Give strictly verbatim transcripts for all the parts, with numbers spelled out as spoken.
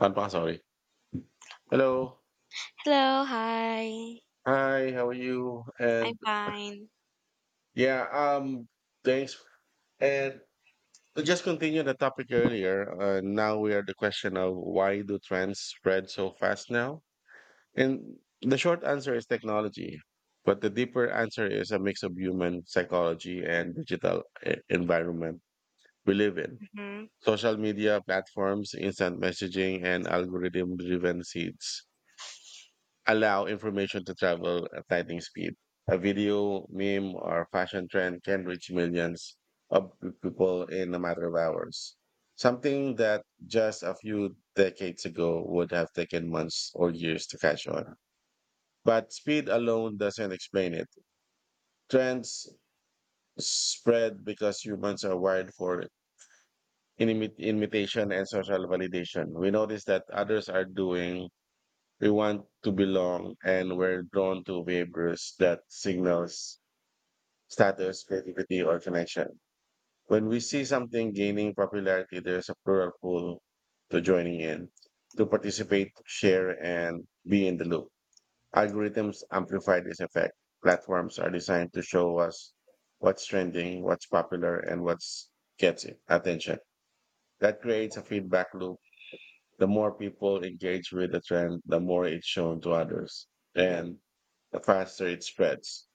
I'm sorry. Hello. Hello, hi. Hi, how are you? I'm And fine. yeah, um, thanks. And to just continue the topic earlier, uh, now we are the question of why do trends spread so fast now? And the short answer is technology, but the deeper answer is a mix of human psychology and digital e- environment we live in. Mhm. Social media platforms, instant messaging, and algorithm driven seeds allow information to travel at lightning speed. A video, meme, or fashion trend can reach millions of people in a matter of hours. Something that just a few decades ago would have taken months or years to catch on. But speed alone doesn't explain it. Trends spread because humans are wired for inimi- imitation and social validation. We notice that others are doing. We want to belong and we're drawn to behaviors that signals status, creativity, or connection. When we see something gaining popularity, there's a plural pull to joining in, to participate, share, and be in the loop. Algorithms amplify this effect. Platforms are designed to show us what's trending, what's popular, and what's gets it, attention. That creates a feedback loop, the more people engage with the trend, the more it's shown to others, and the faster it spreads.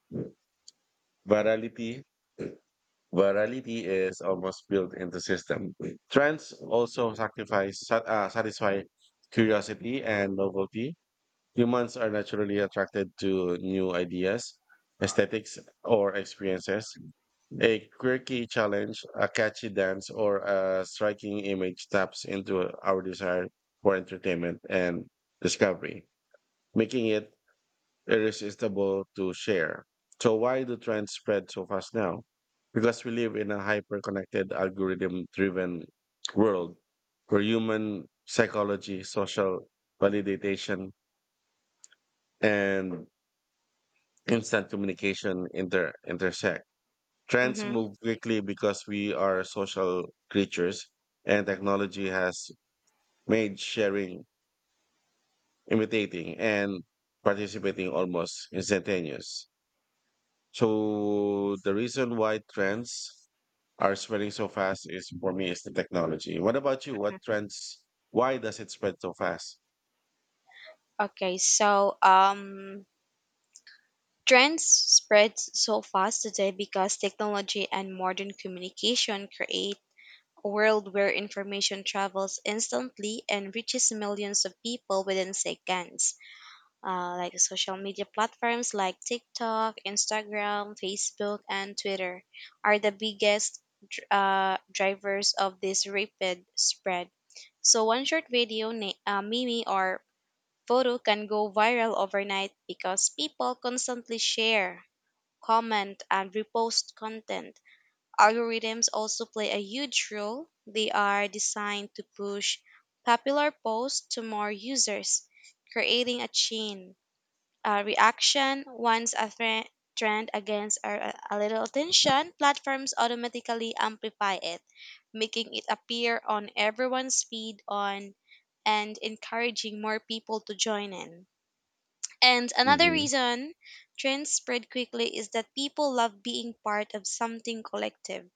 Virality, virality is almost built into system. Trends also sacrifice, sa- uh, satisfy curiosity and novelty. Humans are naturally attracted to new ideas, aesthetics, or experiences. A quirky challenge, a catchy dance, or a striking image taps into our desire for entertainment and discovery, making it irresistible to share. So, why do trends spread so fast now? Because we live in a hyper connected, algorithm driven world where human psychology, social validation, and instant communication inter intersect. Trends Mhm. move quickly because we are social creatures, and technology has made sharing, imitating, and participating almost instantaneous. So the reason why trends are spreading so fast is for me is the technology. What about you? What trends? Why does it spread so fast? Okay, so um trends spread so fast today because technology and modern communication create a world where information travels instantly and reaches millions of people within seconds. Uh, like social media platforms like TikTok, Instagram, Facebook, and Twitter are the biggest dr- uh, drivers of this rapid spread. So, one short video, na- uh, meme, or photo can go viral overnight because people constantly share, comment, and repost content. Algorithms also play a huge role. They are designed to push popular posts to more users, creating a chain uh, reaction. Once a thre- trend against or a a little attention, platforms automatically amplify it, making it appear on everyone's feed on and encouraging more people to join in. And another Mm-hmm. reason trends spread quickly is that people love being part of something collective.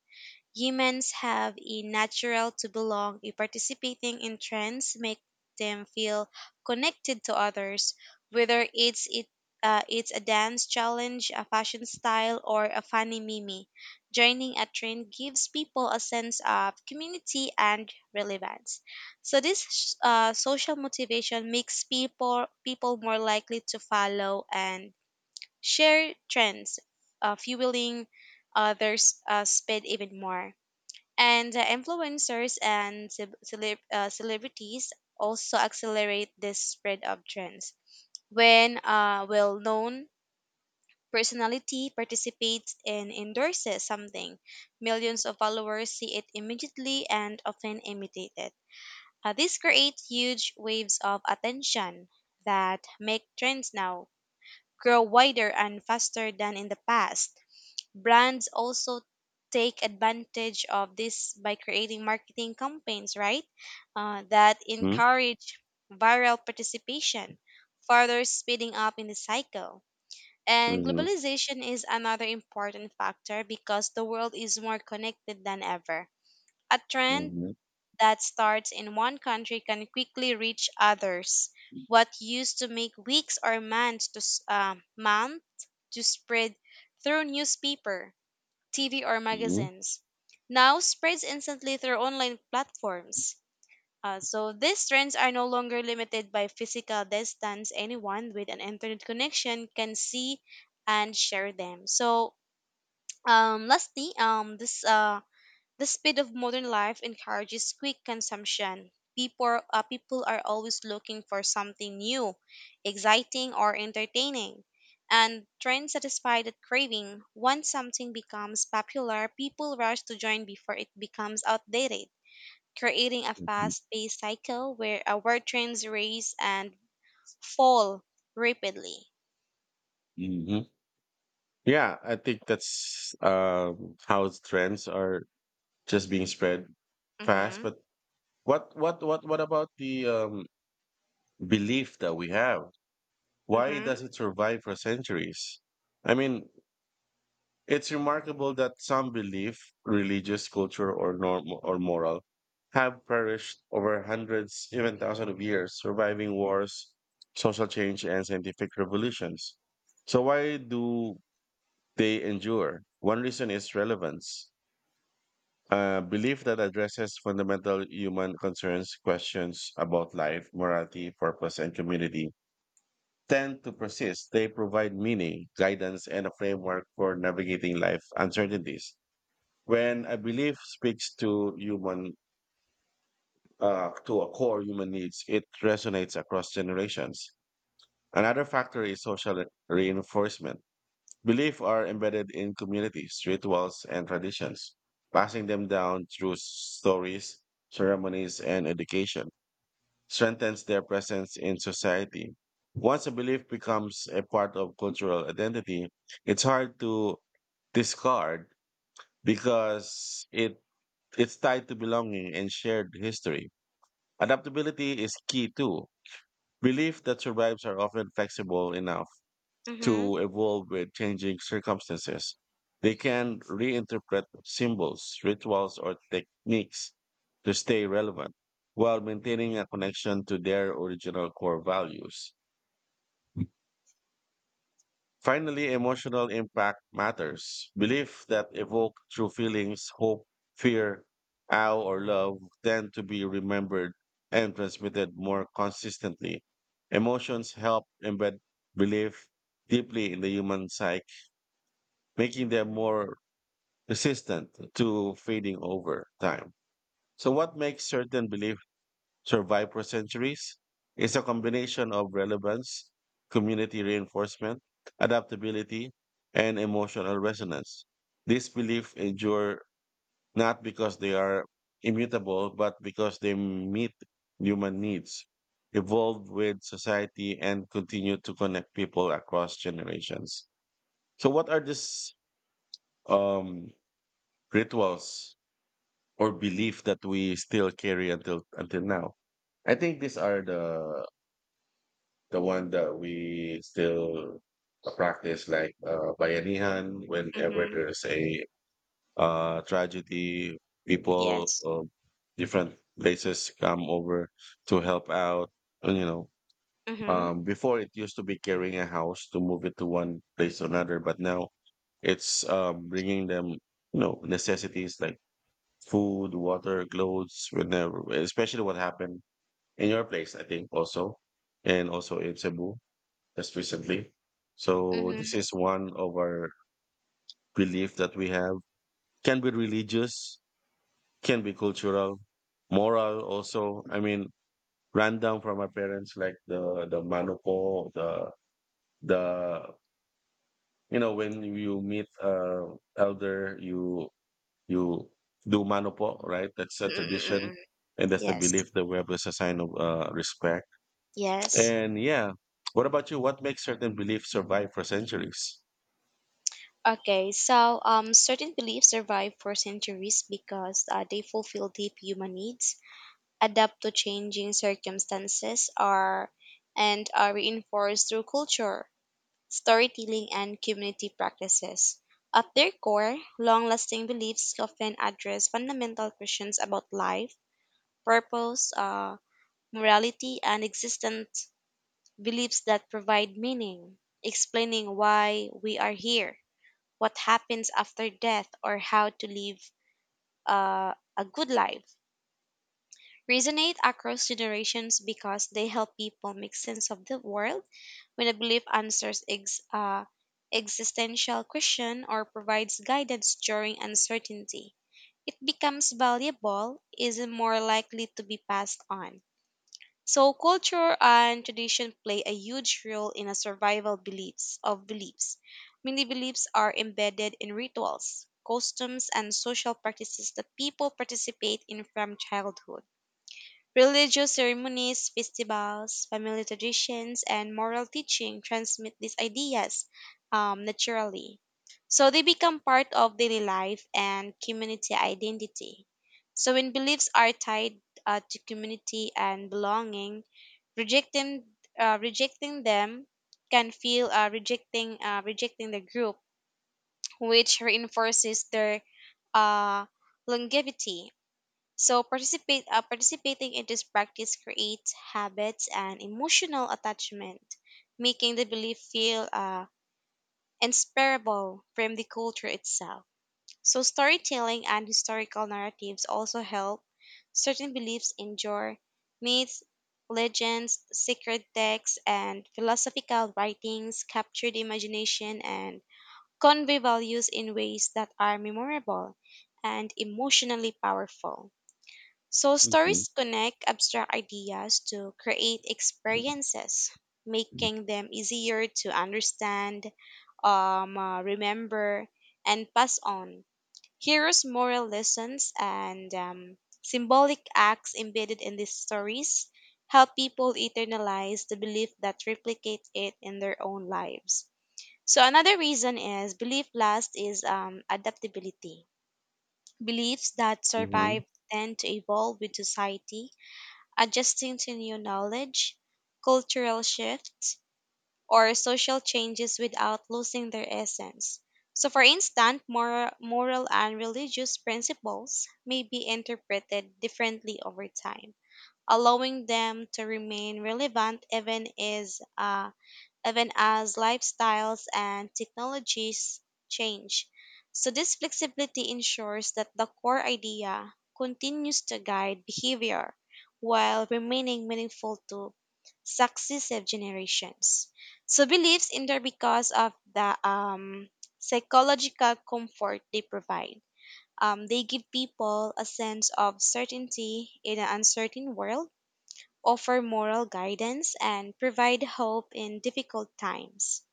Humans have a natural to belong, a participating in trends make them feel connected to others, whether it's it uh, it's a dance challenge, a fashion style, or a funny meme. Joining a trend gives people a sense of community and relevance. So this uh, social motivation makes people people more likely to follow and share trends, uh, fueling others uh, speed even more. And uh, influencers and ce- celeb- uh, celebrities also accelerate this spread of trends. When a well known personality participates and endorses something, millions of followers see it immediately and often imitate it. Uh, this creates huge waves of attention that make trends now grow wider and faster than in the past. Brands also take advantage of this by creating marketing campaigns, right? Uh, that Hmm? encourage viral participation, further speeding up in the cycle. And Mm-hmm. globalization is another important factor because the world is more connected than ever. A trend Mm-hmm. that starts in one country can quickly reach others. What used to make weeks or months to s- uh, month to spread through newspaper, T V, or Mm-hmm. magazines, now spreads instantly through online platforms. Uh, so these trends are no longer limited by physical distance. Anyone with an internet connection can see and share them. So um, lastly, um, this uh, the speed of modern life encourages quick consumption. People, uh, people are always looking for something new, exciting, or entertaining. And trends satisfy that craving. Once something becomes popular, people rush to join before it becomes outdated, creating a Mm-hmm. fast paced cycle where our trends raise and fall rapidly. Mm-hmm. Yeah, I think that's um, how trends are just being spread fast. Mm-hmm. But what what what what about the um, belief that we have? Why Mm-hmm. does it survive for centuries? I mean, it's remarkable that some belief, religious, culture, or norm or moral, have perished over hundreds, even thousands of years, surviving wars, social change, and scientific revolutions. So why do they endure? One reason is relevance. A belief that addresses fundamental human concerns, questions about life, morality, purpose, and community tend to persist. They provide meaning, guidance, and a framework for navigating life uncertainties. When a belief speaks to human, uh, to a core human needs, it resonates across generations. Another factor is social reinforcement. Beliefs are embedded in communities, rituals, and traditions, passing them down through stories, ceremonies, and education, strengthens their presence in society. Once a belief becomes a part of cultural identity, it's hard to discard because it it's tied to belonging and shared history. Adaptability is key too. Beliefs that survives are often flexible enough Mm-hmm. to evolve with changing circumstances. They can reinterpret symbols, rituals, or techniques to stay relevant while maintaining a connection to their original core values. Finally, emotional impact matters. Beliefs that evoke true feelings, hope, fear, awe, or love tend to be remembered and transmitted more consistently. Emotions help embed belief deeply in the human psyche, making them more resistant to fading over time. So, what makes certain beliefs survive for centuries is a combination of relevance, community reinforcement, adaptability, and emotional resonance. These beliefs endure not because they are immutable, but because they meet human needs, evolve with society, and continue to connect people across generations. So, what are these um, rituals or belief that we still carry until until now. I think these are the the one that we still uh, practice, like uh, bayanihan. Whenever Mm-hmm. there's a uh, tragedy, people Yes. of different places come over to help out. And, you know, Mm-hmm. um, before it used to be carrying a house to move it to one place or another, but now it's um, bringing them, you know, necessities like food, water, clothes, whenever, especially what happened in your place, I think, also, and also in Cebu just recently. So this Mm-hmm. is one of our belief that we have. Can be religious, can be cultural, moral also. I mean, ran down from our parents like the the manupo, the the you know when you meet uh elder, you You do manopo, right? That's a tradition, Mm-mm-mm-mm. and that's the Yes. belief that we have as a sign of uh, respect. Yes. And yeah, what about you? What makes certain beliefs survive for centuries? Okay, so um, certain beliefs survive for centuries because uh, they fulfill deep human needs, adapt to changing circumstances, are and are reinforced through culture, storytelling, and community practices. At their core, long-lasting beliefs often address fundamental questions about life, purpose, uh, morality, and existence. Beliefs that provide meaning, explaining why we are here, what happens after death, or how to live uh, a good life. Resonate across generations because they help people make sense of the world. When a belief answers ex- uh, existential question or provides guidance during uncertainty, it becomes valuable, is more likely to be passed on. So culture and tradition play a huge role in a survival beliefs of beliefs. Many beliefs are embedded in rituals, customs, and social practices that people participate in from childhood. Religious ceremonies, festivals, family traditions, and moral teaching transmit these ideas um, naturally. So they become part of daily life and community identity. So when beliefs are tied uh, to community and belonging, rejecting uh, rejecting them can feel uh, rejecting uh, rejecting the group, which reinforces their uh, longevity. So participate uh, participating in this practice creates habits and emotional attachment, making the belief feel uh, inseparable from the culture itself. So storytelling and historical narratives also help certain beliefs endure. Myths, legends, sacred texts, and philosophical writings capture the imagination and convey values in ways that are memorable and emotionally powerful. So, Hmm. stories connect abstract ideas to create experiences, making them easier to understand, um, uh, remember, and pass on. Heroes' moral lessons and um, symbolic acts embedded in these stories help people internalize the belief that replicate it in their own lives. So, another reason is belief last is um, adaptability. Beliefs that Hmm. survive tend to evolve with society, adjusting to new knowledge, cultural shifts, or social changes without losing their essence. So, for instance, moral, moral and religious principles may be interpreted differently over time, allowing them to remain relevant even as uh, even as lifestyles and technologies change. So, this flexibility ensures that the core idea continues to guide behavior while remaining meaningful to successive generations. So, beliefs endure because of the um, psychological comfort they provide. Um, they give people a sense of certainty in an uncertain world, offer moral guidance, and provide hope in difficult times.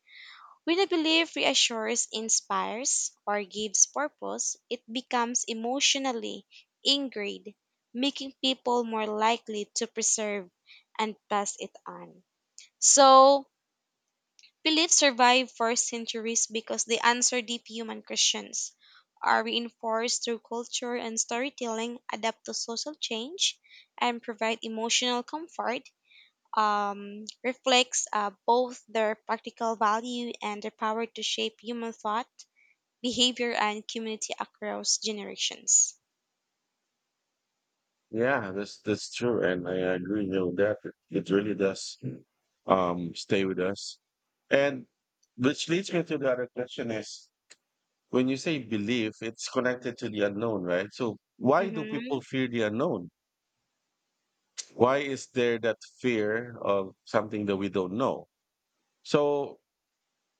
When a belief reassures, inspires, or gives purpose, it becomes emotionally ingrained, making people more likely to preserve and pass it on. So, beliefs survive for centuries because they answer deep human questions, are reinforced through culture and storytelling, adapt to social change, and provide emotional comfort, um, reflects uh, both their practical value and their power to shape human thought, behavior, and community across generations. Yeah, that's that's true, and I agree you know, that. It, it really does um, stay with us, and which leads me to the other question is when you say belief, it's connected to the unknown, right? So why do Mm-hmm. people fear the unknown? Why is there that fear of something that we don't know? So,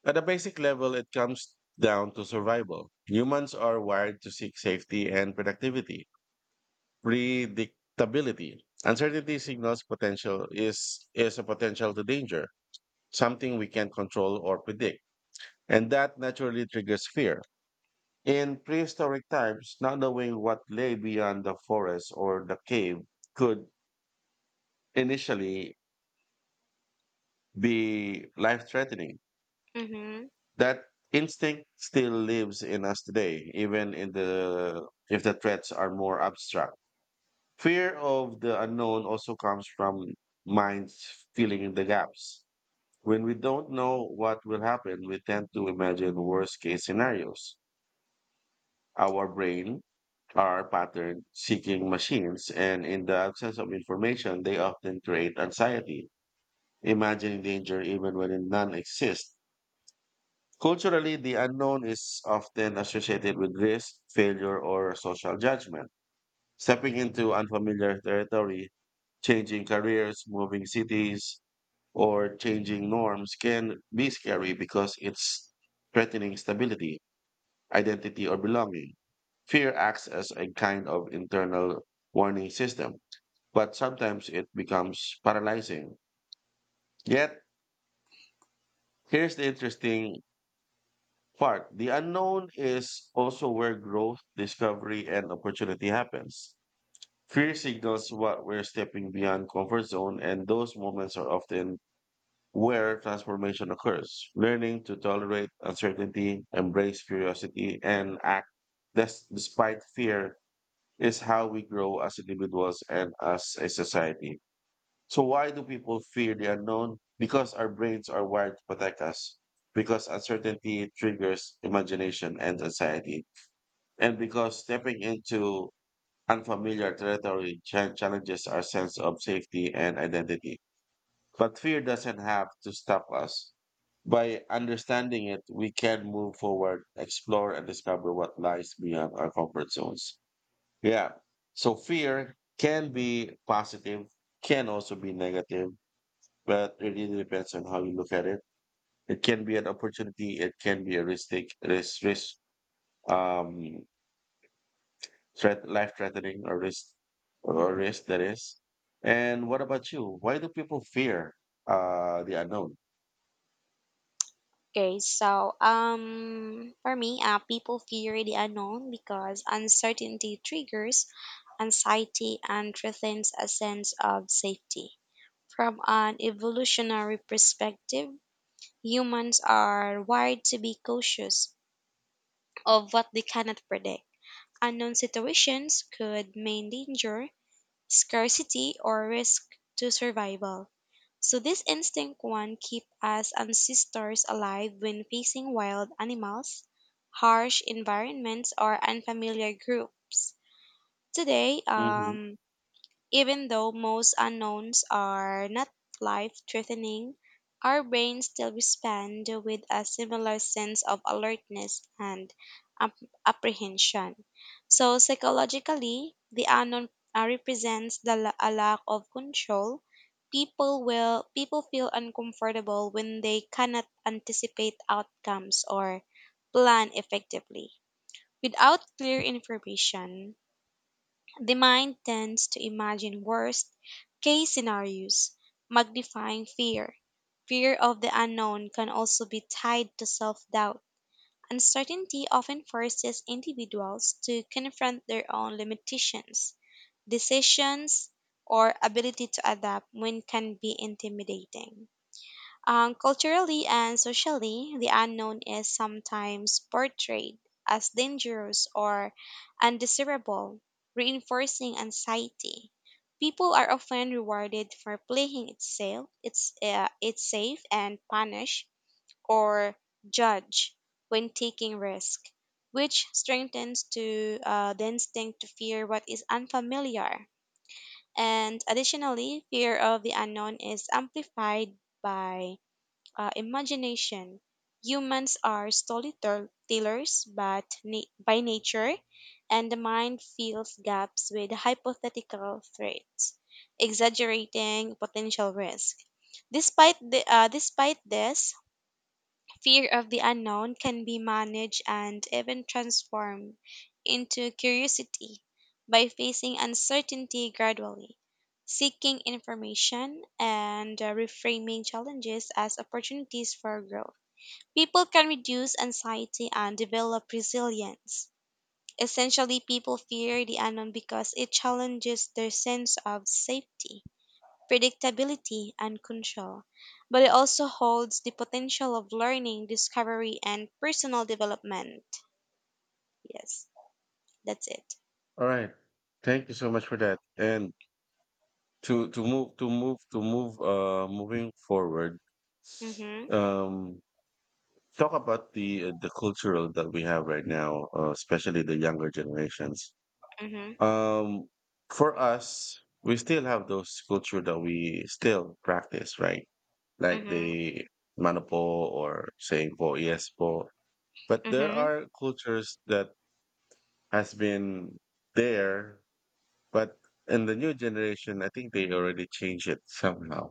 at a basic level, it comes down to survival. Humans are wired to seek safety and productivity, predictability. Uncertainty signals potential is is a potential to danger, something we can't control or predict, and that naturally triggers fear. In prehistoric times, not knowing what lay beyond the forest or the cave could initially be life-threatening. Mm-hmm. That instinct still lives in us today, even in the if the threats are more abstract. Fear of the unknown also comes from minds filling in the gaps. When we don't know what will happen, we tend to imagine worst case scenarios. Our brain are pattern seeking machines, and in the absence of information, they often create anxiety, imagining danger even when it none exists. Culturally, the unknown is often associated with risk, failure, or social judgment. Stepping into unfamiliar territory, changing careers, moving cities, or changing norms can be scary because it's threatening stability, identity, or belonging. Fear acts as a kind of internal warning system, but sometimes it becomes paralyzing. Yet, here's the interesting part, the unknown is also where growth, discovery, and opportunity happens. Fear signals what we're stepping beyond comfort zone, and those moments are often where transformation occurs. Learning to tolerate uncertainty, embrace curiosity, and act des- despite fear is how we grow as individuals and as a society. So why do people fear the unknown? Because our brains are wired to protect us. Because uncertainty triggers imagination and anxiety. And because stepping into unfamiliar territory cha- challenges our sense of safety and identity. But fear doesn't have to stop us. By understanding it, we can move forward, explore, and discover what lies beyond our comfort zones. Yeah. So fear can be positive, can also be negative, but it really depends on how you look at it. It can be an opportunity. It can be a risk take, risk, risk, um, threat, life threatening or risk, or risk that is. And what about you? Why do people fear uh, the unknown? Okay, so um, for me, uh, people fear the unknown because uncertainty triggers anxiety and threatens a sense of safety. From an evolutionary perspective, humans are wired to be cautious of what they cannot predict. Unknown situations could mean danger, scarcity, or risk to survival. So this instinct one keep us ancestors alive when facing wild animals, harsh environments, or unfamiliar groups. Today, Mhm. um, even though most unknowns are not life threatening, our brains still respond with a similar sense of alertness and ap- apprehension. So, psychologically, the unknown uh, represents the, la- a lack of control. People will people feel uncomfortable when they cannot anticipate outcomes or plan effectively. Without clear information, the mind tends to imagine worst case scenarios, magnifying fear. Fear of the unknown can also be tied to self doubt. Uncertainty often forces individuals to confront their own limitations, decisions, or ability to adapt when can be intimidating. Um, culturally and socially, the unknown is sometimes portrayed as dangerous or undesirable, reinforcing anxiety. People are often rewarded for playing it safe, it's, uh, it's safe and punished or judged when taking risk, which strengthens to uh, the instinct to fear what is unfamiliar. And additionally, fear of the unknown is amplified by uh, imagination. Humans are storytellers but na- by nature, and the mind fills gaps with hypothetical threats, exaggerating potential risk. Despite, the, uh, despite this, fear of the unknown can be managed and even transformed into curiosity by facing uncertainty gradually, seeking information, and uh, reframing challenges as opportunities for growth. People can reduce anxiety and develop resilience. Essentially, people fear the unknown because it challenges their sense of safety, predictability, and control, but it also holds the potential of learning, discovery, and personal development. Yes, that's it. All right. Thank you so much for that. And to to move to move to move uh moving forward, Mm-hmm. um, talk about the uh, the cultural that we have right now, uh, especially the younger generations. Mm-hmm. Um, for us, we still have those culture that we still practice, right? Like Mm-hmm. the mano po or saying po, yes po. But there Mm-hmm. are cultures that has been there, but in the new generation, I think they already changed it somehow.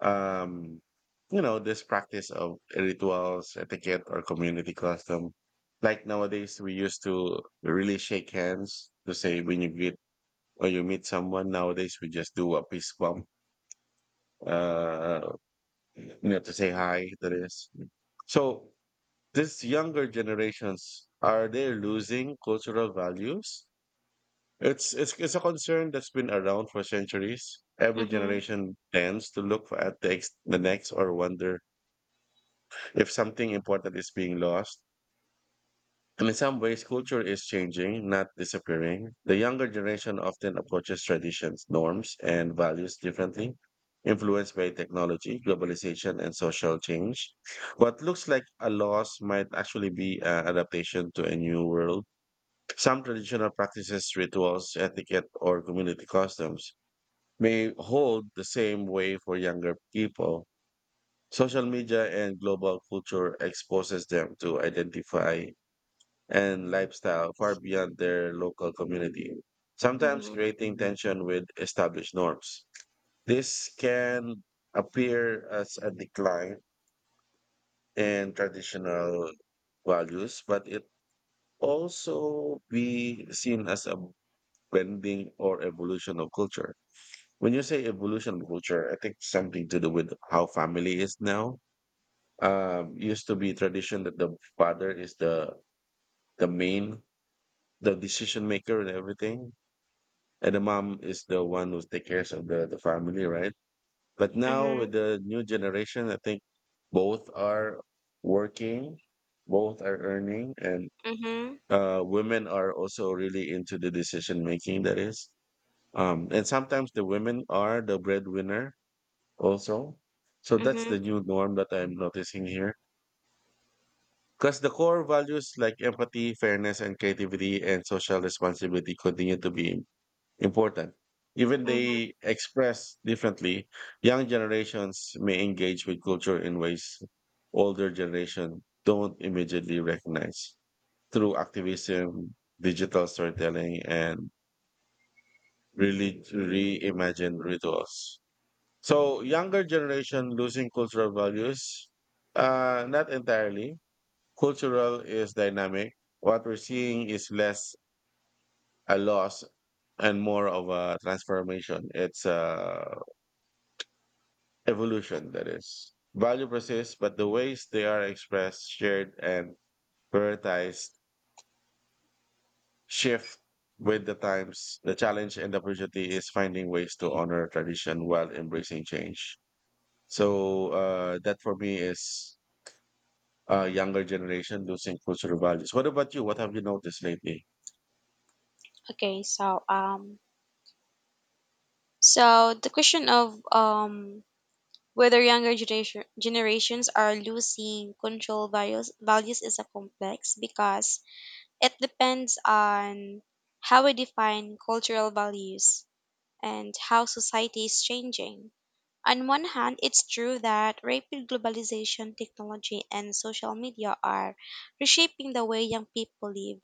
Um, you know, this practice of rituals, etiquette, or community custom. Like nowadays, we used to really shake hands to say when you greet or you meet someone nowadays, we just do a peace bump, uh, you know, to say hi to this. So this younger generations, are they losing cultural values? It's, it's, it's a concern that's been around for centuries. Every Mm-hmm. generation tends to look at the, ex- the next or wonder if something important is being lost. And in some ways, culture is changing, not disappearing. The younger generation often approaches traditions, norms, and values differently, influenced by technology, globalization, and social change. What looks like a loss might actually be an adaptation to a new world. Some traditional practices, rituals, etiquette, or community customs may hold the same way for younger people. Social media and global culture exposes them to identify and lifestyle far beyond their local community, sometimes Mm-hmm. creating tension with established norms. This can appear as a decline in traditional values, but it also be seen as a bending or evolution of culture. When you say evolution of culture, I think something to do with how family is now. Um, used to be tradition that the father is the the main the decision maker and everything and the mom is the one who takes care of the, the family, right? But now with the new generation, I think both are working, both are earning, and Mm-hmm. uh, women are also really into the decision making. That is, um, and sometimes the women are the breadwinner also. So that's Mm-hmm. the new norm that I'm noticing here. Because the core values like empathy, fairness, and creativity and social responsibility continue to be important. Even Mm-hmm. they express differently. Young generations may engage with culture in ways older generation don't immediately recognize through activism, digital storytelling, and really reimagined rituals. So younger generation losing cultural values? Uh, not entirely. Cultural is dynamic. What we're seeing is less a loss and more of a transformation. It's a evolution, that is. Value persists, but the ways they are expressed, shared, and prioritized shift with the times. The challenge and the opportunity is finding ways to honor tradition while embracing change. So uh, that for me is uh, younger generation losing cultural values. What about you? What have you noticed lately? Okay, so um, so the question of um whether younger generation generations are losing control values values is a complex because it depends on how we define cultural values and how society is changing. On one hand, it's true that rapid globalization, technology, and social media are reshaping the way young people live,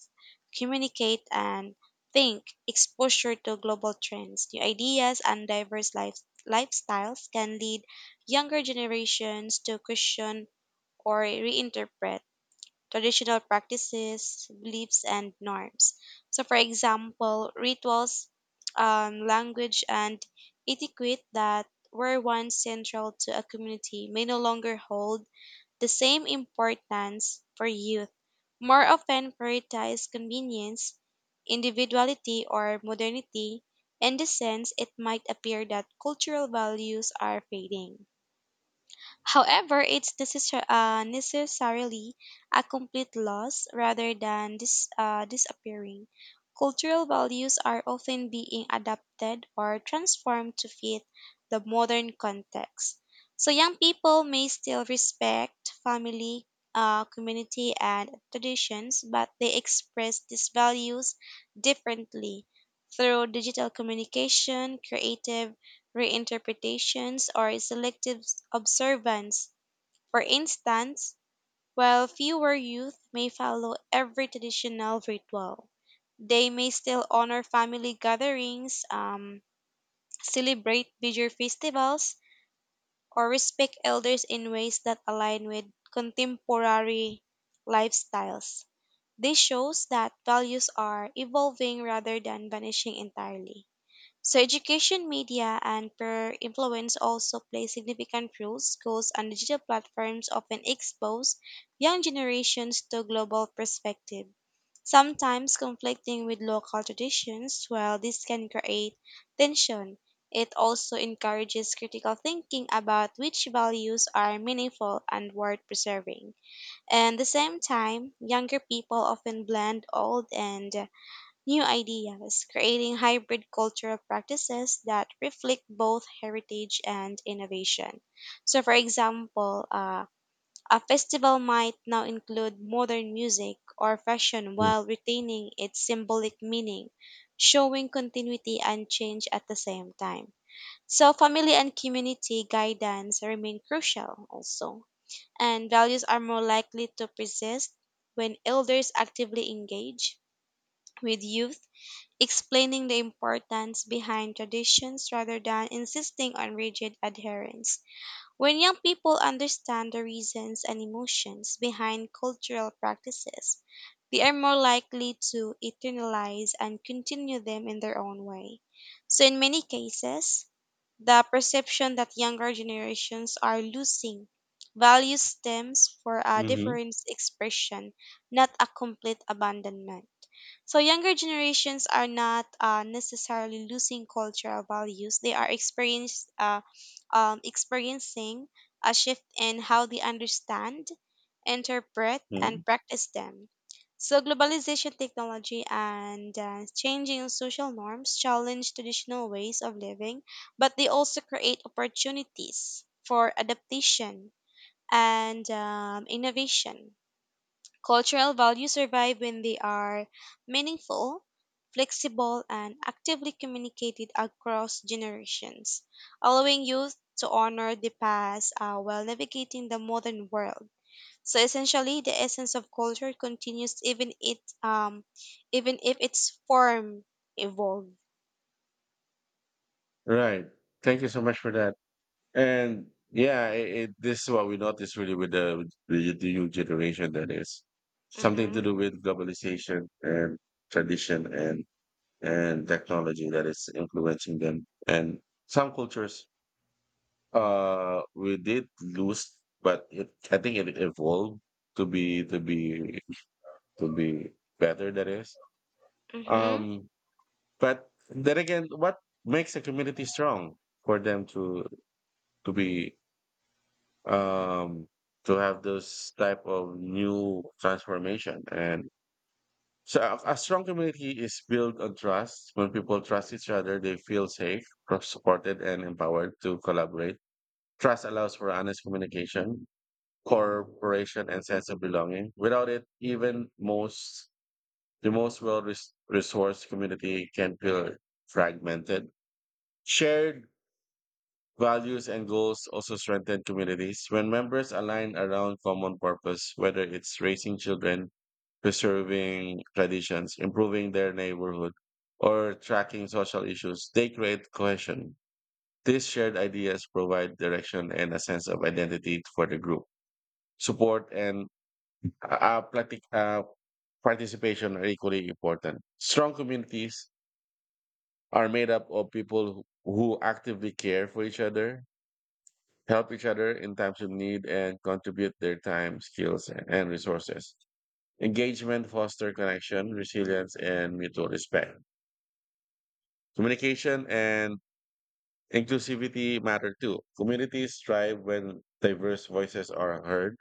communicate, and think. Exposure to global trends, new ideas, and diverse life- lifestyles can lead younger generations to question or reinterpret traditional practices, beliefs, and norms. So, for example, rituals, um, language, and etiquette that were once central to a community may no longer hold the same importance for youth. More often prioritize convenience, individuality, or modernity. In this sense, it might appear that cultural values are fading. However, it's necessar- uh, necessarily a complete loss rather than dis- uh, disappearing. Cultural values are often being adapted or transformed to fit the modern context. So, young people may still respect family, uh, community, and traditions, but they express these values differently through digital communication, creative reinterpretations, or selective observance. For instance, while fewer youth may follow every traditional ritual, they may still honor family gatherings, um, celebrate major festivals, or respect elders in ways that align with contemporary lifestyles. This shows that values are evolving rather than vanishing entirely. So education, media, and peer influence also play significant roles. Schools and digital platforms often expose young generations to global perspective, sometimes conflicting with local traditions. While this can create tension, it also encourages critical thinking about which values are meaningful and worth preserving. And at the same time, younger people often blend old and new ideas, creating hybrid cultural practices that reflect both heritage and innovation. So, for example, uh, a festival might now include modern music or fashion while retaining its symbolic meaning, showing continuity and change at the same time. So, family and community guidance remain crucial also, and values are more likely to persist when elders actively engage with youth, explaining the importance behind traditions rather than insisting on rigid adherence. When young people understand the reasons and emotions behind cultural practices, they are more likely to internalize and continue them in their own way. So, in many cases, the perception that younger generations are losing value stems for a Mm. different expression, not a complete abandonment. So younger generations are not uh, necessarily losing cultural values. They are experience, uh, um, experiencing a shift in how they understand, interpret, Hmm. and practice them. So globalization, technology, and uh, changing social norms challenge traditional ways of living, but they also create opportunities for adaptation and um, innovation. Cultural values survive when they are meaningful, flexible, and actively communicated across generations, allowing youth to honor the past uh, while navigating the modern world. So essentially, the essence of culture continues even it um even if its form evolves. Right. Thank you so much for that. And yeah, it, it, this is what we notice really with the, with the the new generation that is something Mm-hmm. to do with globalization and tradition and and technology that is influencing them. And some cultures, uh, we did lose, but it, I think it evolved to be to be to be better. That is, Mm-hmm. um, but then again, what makes a community strong for them to to be um, to have those type of new transformation. And so a, a strong community is built on trust. When people trust each other, they feel safe, supported, and empowered to collaborate. Trust allows for honest communication, cooperation, and sense of belonging. Without it, even most the most well-resourced community can feel fragmented. Shared values and goals also strengthen communities. When members align around common purpose, whether it's raising children, preserving traditions, improving their neighborhood, or tracking social issues, they create cohesion. These shared ideas provide direction and a sense of identity for the group. Support and uh, platic, uh, participation are equally important. Strong communities are made up of people who who actively care for each other, help each other in times of need, and contribute their time, skills, and resources. Engagement foster connection, resilience, and mutual respect. Communication and inclusivity matter too. Communities thrive when diverse voices are heard,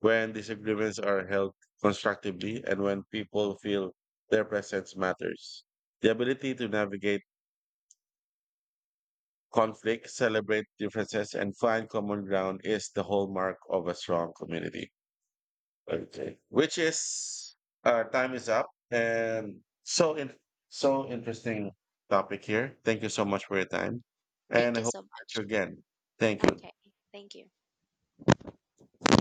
when disagreements are held constructively, and when people feel their presence matters. The ability to navigate conflict, celebrate differences, and find common ground is the hallmark of a strong community. Okay. Which is uh time is up and so in so interesting topic here. Thank you so much for your time. Thank And I you hope so to catch you much. again. Thank you. Okay. Thank you.